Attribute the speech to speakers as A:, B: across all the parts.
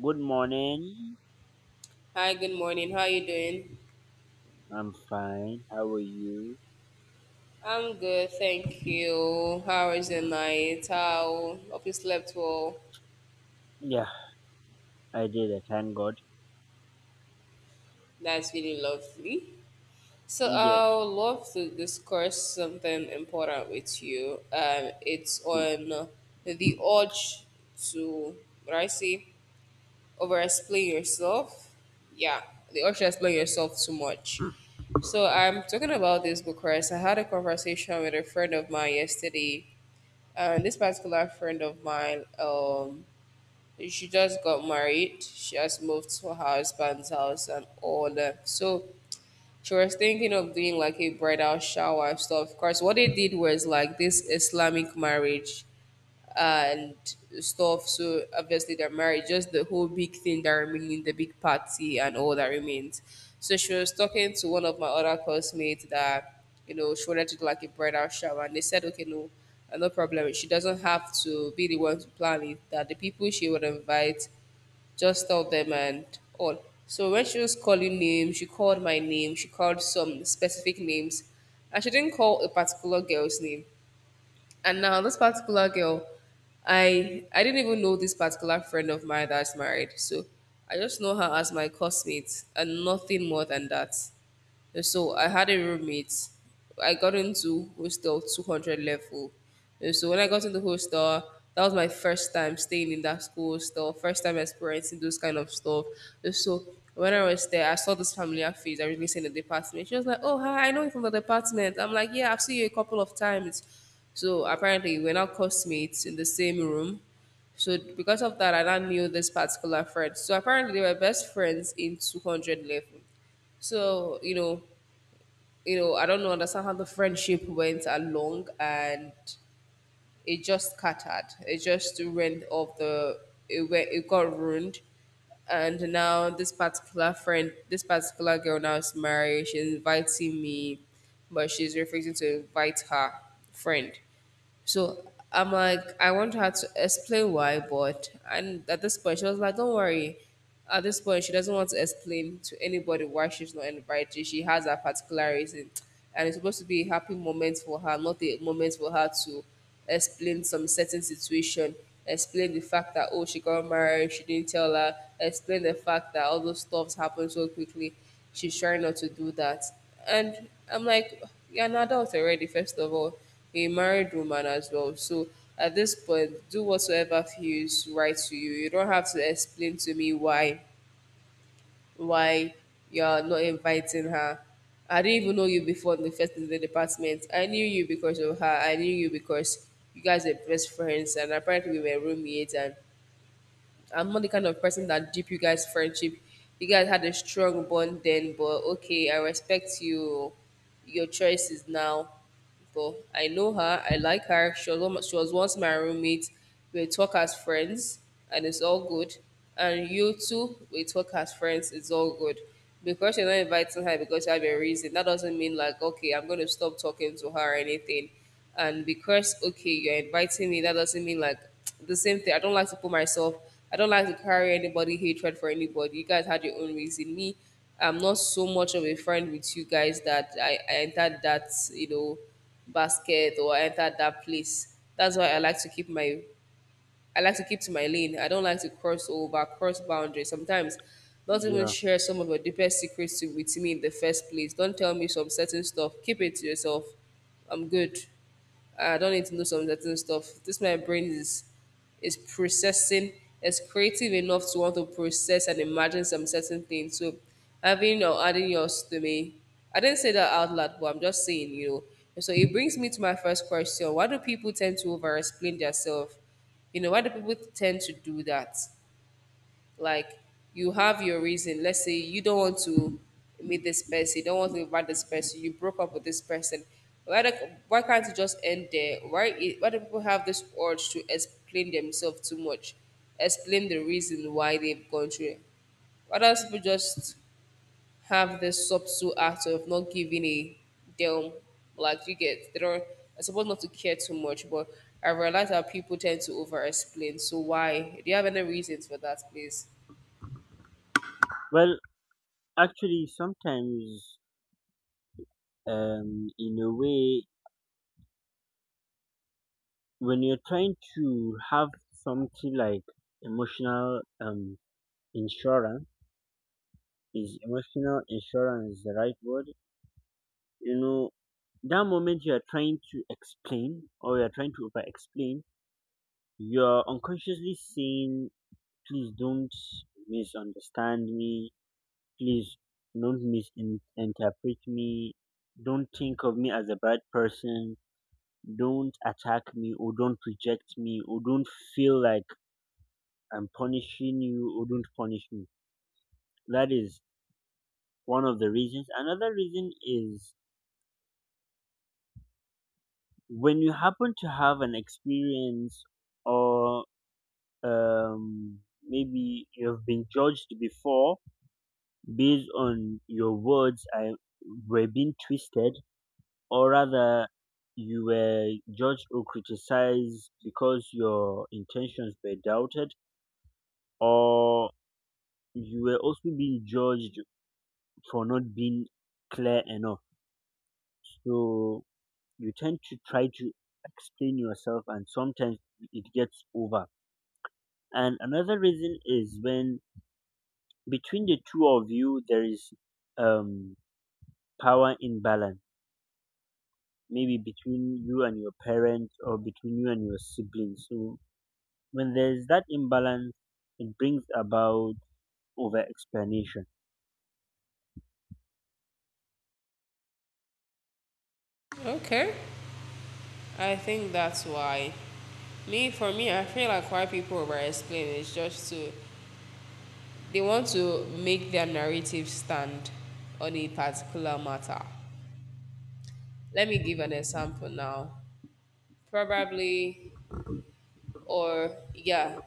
A: Good morning.
B: Hi, good morning. How are you doing?
A: I'm fine. How are you?
B: I'm good, thank you. How was your night? How hope you slept well?
A: Yeah, I did it. Thank God.
B: That's really lovely. So
A: Yes.
B: I would love to discuss something important with you. It's
A: y-
B: on the urge to what I say over explain yourself. Yeah, the urge to explain yourself too much. So I'm talking about this because I had a conversation with a friend of mine yesterday. And this particular friend of mine, she just got married. She has moved to her husband's house and all that. So she was thinking of doing like a bridal shower and stuff. Of course, what they did was like this Islamic marriage and stuff. So obviously they're married. Just the whole big thing that remains, the big party and all that remains. So she was talking to one of my other classmates that you know she wanted to do like a bridal shower, and they said, okay, no, no problem. She doesn't have to be the one to plan it. That the people she would invite, just tell them and all. So when she was calling names, she called my name. She called some specific names, and she didn't call a particular girl's name. And now this particular girl, I didn't even know this particular friend of mine that's married. So I just know her as my cosmate and nothing more than that. So I had a roommate. I got into hostel 200 level. And so when I got into hostel, that was my first time staying in that school hostel, first time experiencing those kind of stuff. And so when I was there, I saw this familiar face I really seen in the department. She was like, "Oh, hi, I know you from the department." I'm like, "Yeah, I've seen you a couple of times." So apparently, we're now classmates in the same room. So because of that, I now knew this particular friend. So apparently, they were best friends in 200 level. So you know, I don't know, understand how the friendship went along and it just scattered. It just went off the, it, went, it got ruined. And now this particular friend, this particular girl now is married. She's inviting me, but she's refusing to invite her friend. So I'm like, I want her to explain why, but and at this point she was like, don't worry. At this point, she doesn't want to explain to anybody why she's not invited. She has her particular reason. And it's supposed to be a happy moment for her, not a moment for her to explain some certain situation, explain the fact that oh she got married, she didn't tell her, explain the fact that all those stuffs happened so quickly. She's trying not to do that. And I'm like, you're an adult already, first of all a married woman as well. So at this point, do whatsoever feels right to you. You don't have to explain to me why why you're not inviting her. I didn't even know you before in the first in the department. I knew you because of her. I knew you because you guys were best friends and apparently we were roommates and I'm not the kind of person that deep you guys' friendship. You guys had a strong bond then, but okay, I respect you. Your choices now. But I know her. I like her. She was once my roommate. We talk as friends, and it's all good. And you too, we talk as friends. It's all good. Because you're not inviting her because you have a reason, that doesn't mean like okay, I'm going to stop talking to her or anything. And because okay you're inviting me that doesn't mean like the same thing. I don't like to put myself, I don't like to carry anybody hatred for anybody. You guys had your own reason. Me, I'm not so much of a friend with you guys that I entered that basket or I entered that place. That's why I like to keep to my lane. I don't like to cross over, cross boundaries. Sometimes, not even
A: Yeah.
B: share some of your deepest secrets to, with me in the first place. Don't tell me some certain stuff. Keep it to yourself. I'm good. I don't need to know some certain stuff. This my brain is processing. It's creative enough to want to process and imagine some certain things. So having or adding yours to me, I didn't say that out loud, but I'm just saying. So it brings me to my first question: why do people tend to over-explain themselves? You know, why do people tend to do that? Like, you have your reason. Let's say you don't want to meet this person, you don't want to invite this person, you broke up with this person. Why, the, why can't it just end there? Why do people have this urge to explain themselves too much? Explain the reason why they've gone through it. Why don't people just have this subtle act of not giving a damn. Like you get, they don't. I suppose not to care too much, but I realize that people tend to over-explain. So why? Do you have any reasons for that, please?
A: Well, actually, sometimes, in a way, when you're trying to have something like emotional, insurance, is emotional insurance the right word? You know, that moment you are trying to explain or you are trying to over explain, you're unconsciously saying please don't misunderstand me. Please don't misinterpret me. Don't think of me as a bad person. Don't attack me or don't reject me or don't feel like I'm punishing you or don't punish me. That is one of the reasons. Another reason is when you happen to have an experience or um, maybe you have been judged before based on your words, I were being twisted, or rather, you were judged or criticized because your intentions were doubted, or you were also being judged for not being clear enough. So you tend to try to explain yourself, and sometimes it gets over. And another reason is when between the two of you there is um, power imbalance maybe between you and your parents or between you and your siblings. So when there's that imbalance, it brings about over explanation.
B: Okay, I think that's why. Me, for me, I feel like why people over-explain is just to they want to make their narrative stand on a particular matter. Let me give an example now. Probably, or yeah,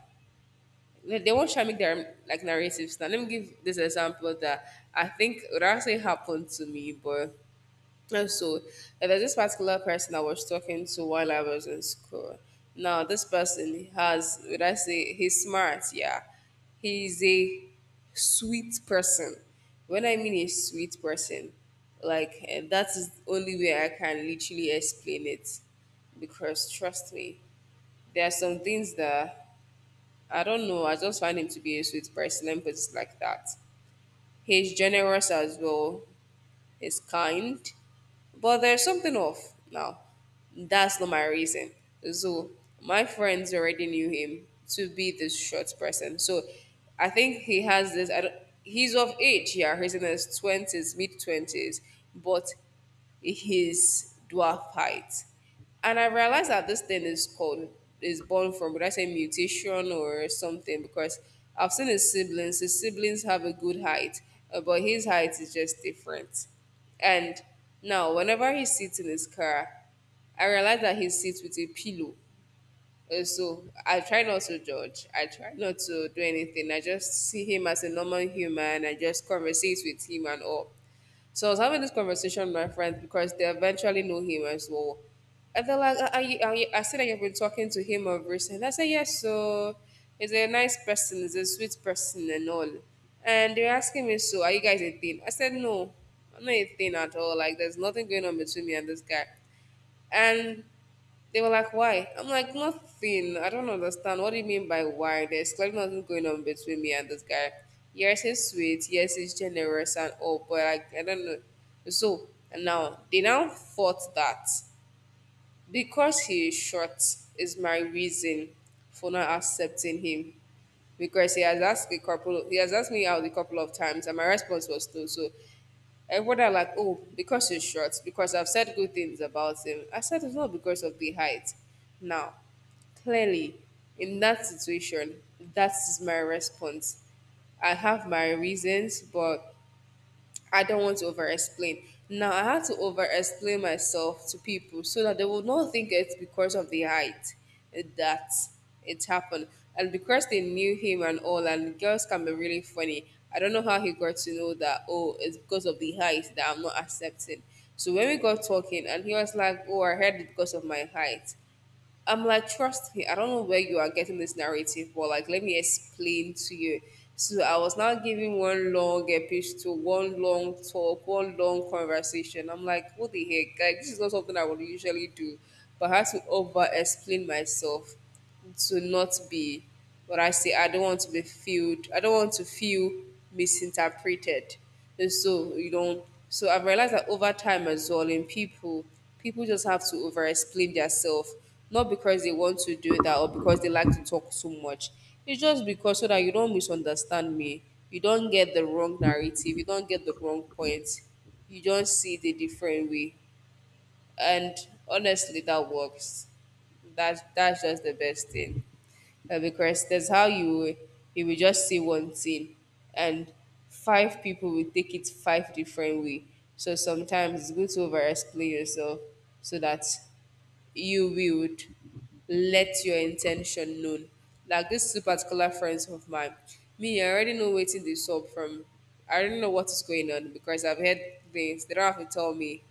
B: no, they won't try make their like narratives. Now let me give this example that I think would actually happen to me, but and so and there's this particular person I was talking to while I was in school. Now this person has would I say he's smart, yeah. He's a sweet person. When I mean a sweet person, like eh, that is the only way I can literally explain it because trust me, there are some things that I don't know. I just find him to be a sweet person. Let me put it like that. He's generous as well. He's kind. But there's something off. Now, that's not my reason. So, my friends already knew him to be this short person. So, I think he has this. I don't, he's of age, yeah. He's in his 20s, mid 20s. But his dwarf height. And I realized that this thing is called is born from would I say mutation or something because I've seen his siblings. His siblings have a good height, but his height is just different. And now whenever he sits in his car, I realize that he sits with a pillow. So I try not to judge. I try not to do anything. I just see him as a normal human. I just converse with him and all. So I was having this conversation with my friends because they eventually know him as well. And they're like, I said that you've been talking to him of recent. I said, yes, so he's a nice person, he's a sweet person and all. And they're asking me, so are you guys a thing? I said, no, I'm not a thing at all. Like, there's nothing going on between me and this guy. And they were like, why? I'm like, nothing. I don't understand. What do you mean by why? There's clearly nothing going on between me and this guy. Yes, he's sweet. Yes, he's generous and all, but like, I don't know. So, and now, they now thought that because he is short is my reason for not accepting him. Because he has asked me out a couple of times, and my response was no. So everybody are like, oh, because he's short, because I've said good things about him. I said it's not because of the height. Now, clearly, in that situation, that is my response. I have my reasons, but I don't want to over explain. Now I had to over explain myself to people so that they would not think it's because of the height that it happened. And because they knew him and all, and girls can be really funny. I don't know how he got to know that, oh, it's because of the height that I'm not accepting. So when we got talking, and he was like, oh, I heard it because of my height. I'm like, trust me, I don't know where you are getting this narrative, but like, let me explain to you. So I was now giving one long epistle, one long talk, one long conversation. I'm like, what the heck? Like, this is not something I would usually do, but I had to over explain myself to not be what I say. I don't want to be feel. I don't want to feel misinterpreted. And so you don't. So I've realized that over time as well in people, people just have to over explain themselves, not because they want to do that or because they like to talk so much. It's just because so that you don't misunderstand me. You don't get the wrong narrative. You don't get the wrong point. You don't see the different way, and honestly that works. That's just the best thing. Because that's how you, you will just see one thing, and five people will take it five different way. So sometimes it's good to over explain yourself, so that you would let your intention known. Like these two particular friends of mine, me, I already know waiting this up from. I already know what is going on because I've heard things. They don't have to tell me.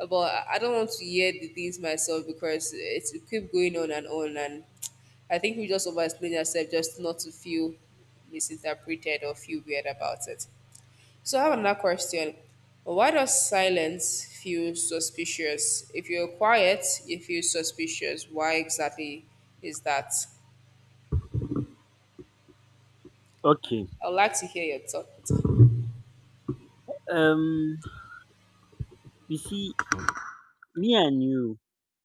B: But I don't want to hear the things myself because it keep going on. And I think we just over explain ourselves just not to feel misinterpreted or feel weird about it. So I have another question. Why does silence feel suspicious? If you're quiet, you feel suspicious. Why exactly is that?
A: Okay.
B: I'd like to hear your thoughts.
A: Um you see, me and you,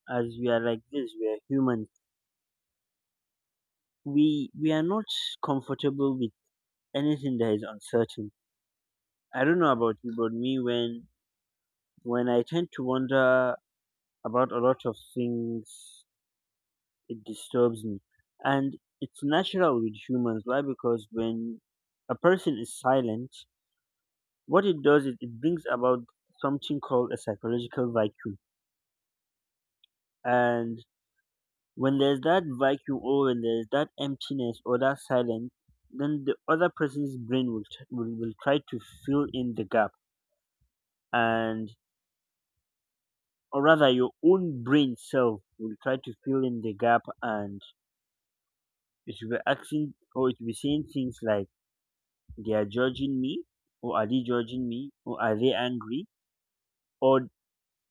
A: as we are like this, we are humans. We are not comfortable with anything that is uncertain. I don't know about you, but me when I tend to wonder about a lot of things, it disturbs me. And it's natural with humans. Why? Because when a person is silent, what it does is it brings about something called a psychological vacuum. And when there's that vacuum or when there's that emptiness or that silence, then the other person's brain will try to fill in the gap. And, or rather, your own brain self will try to fill in the gap, and it will be asking or it will be saying things like, they're judging me or are they judging me or are they angry or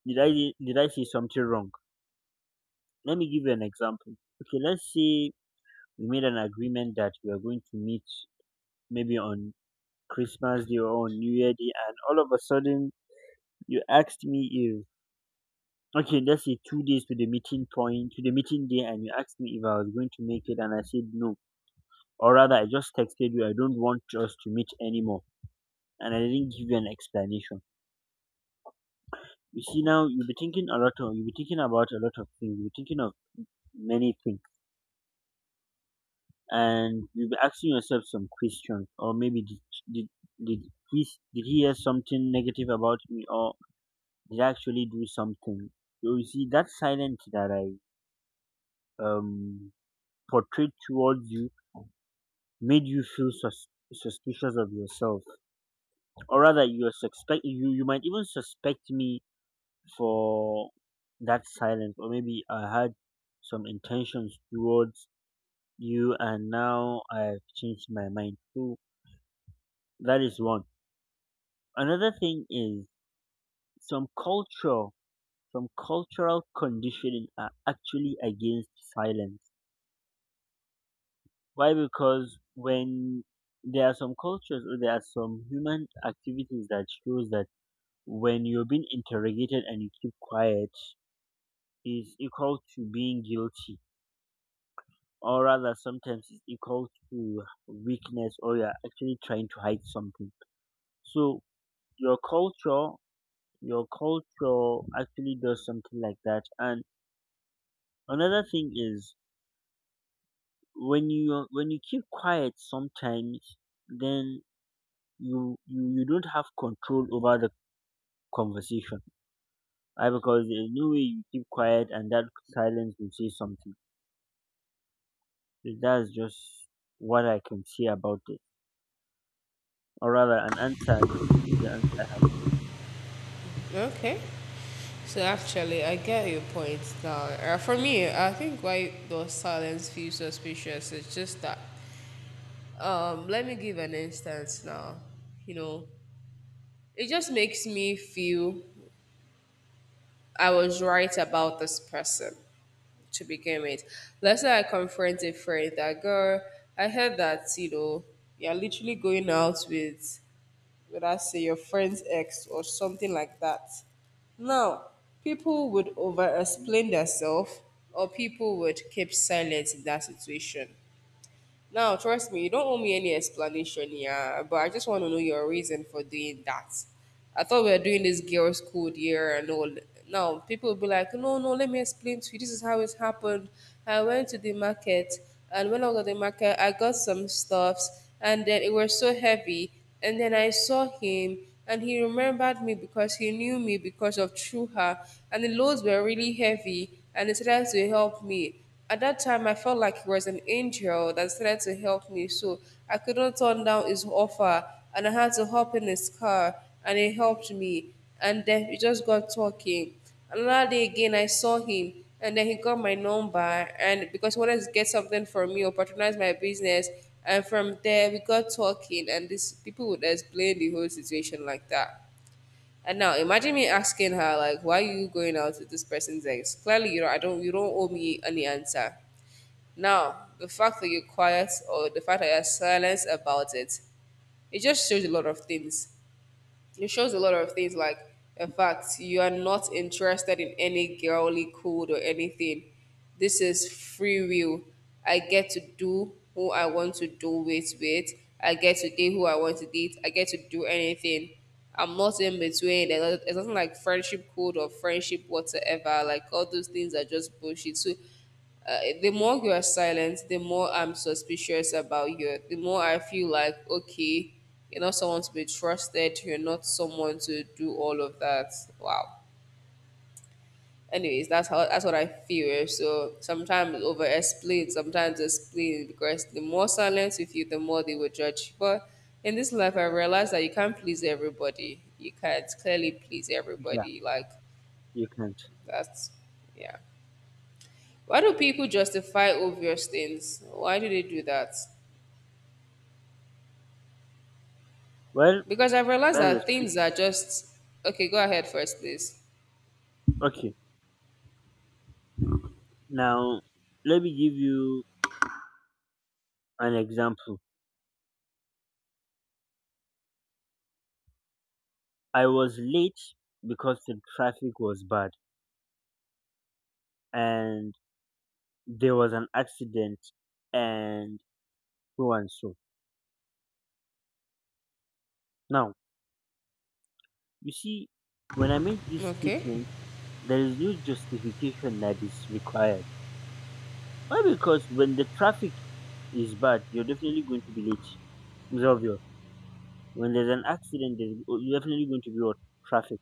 A: did I say something wrong. Let me give you an example. Okay, let's say we made an agreement that we are going to meet maybe on Christmas Day or on New Year Day, and all of a sudden you asked me if okay, let's say 2 days to the meeting day, and you asked me if I was going to make it, and I said no. Or rather, I just texted you I don't want us to meet anymore, and I didn't give you an explanation. You see, now you'll be thinking about a lot of things, you'll be thinking of many things, and you'll be asking yourself some questions. Or maybe did did did he hear something negative about me, or did I actually do something? So you see that silence that I um portrayed towards you made you feel suspicious of yourself, or rather, you might even suspect me for that silence. Or maybe I had some intentions towards you and now I've changed my mind. So that is one. Another thing is some culture, some cultural conditioning are actually against silence. Why? Because when there are some cultures or there are some human activities that shows that when you're being interrogated and you keep quiet is equal to being guilty, or rather, sometimes it's equal to weakness or you're actually trying to hide something. So your culture your culture actually does something like that. And another thing is when you keep quiet sometimes, then you don't have control over the conversation. Right? Because there's no way you keep quiet and that silence will say something. So that's just what I can say about it. Or rather, an answer this is the answer.
B: Okay. So actually, I get your point now. For me, I think why does silence feel suspicious is just that. Let me give an instance now. You know, it just makes me feel I was right about this person to begin with. Let's say I confront a friend that girl, I heard that, you know, you're literally going out with I say your friend's ex or something like that. Now, people would over explain themselves or people would keep silent in that situation. Now, trust me, you don't owe me any explanation, yeah, but I just want to know your reason for doing that. I thought we were doing this girls' code year and all. Now, people will be like, no, no, let me explain to you. This is how it happened. I went to the market, and when I was at the market, I got some stuffs, and then it was so heavy. And then I saw him, and he remembered me because he knew me because of True Her. And the loads were really heavy and he started to help me. At that time, I felt like he was an angel that started to help me. So I couldn't turn down his offer, and I had to hop in his car and he helped me. And then we just got talking. Another day again, I saw him, and then he got my number, and because he wanted to get something from me or patronize my business, and from there we got talking, and these people would explain the whole situation like that. And now imagine me asking her like, "Why are you going out with this person's ex?" Clearly, you know, I don't, you don't owe me any answer. Now, the fact that you're quiet or the fact that you're silent about it, it just shows a lot of things. It shows a lot of things like the fact you are not interested in any girly code or anything. This is free will. I get to do who I want to do it with. I get to date who I want to date. I get to do anything. I'm not in between. There's nothing like friendship code or friendship whatsoever. Like all those things are just bullshit. So the more you are silent, the more I'm suspicious about you. The more I feel like, okay, you're not someone to be trusted. You're not someone to do all of that. Wow. Anyways, that's what I feel. So sometimes over explain, sometimes explain because the more silence you feel, the more they will judge. But in this life, I realized that you can't please everybody. You can't clearly please
A: Yeah,
B: everybody. Like
A: you can't.
B: that's, yeah. Why do people justify obvious things? Why do they do that?
A: Well,
B: Because I've realized
A: that is
B: that things are just okay, go ahead first, please.
A: okay. Now let me give you an example. I was late because the traffic was bad and there was an accident and so and so. Now, you see, when I make this
B: Okay.
A: statement, there is no justification that is required. Why? Because when the traffic is bad, you're definitely going to be late. It's obvious. When there's an accident, there's oh, you're definitely going to be what? Traffic.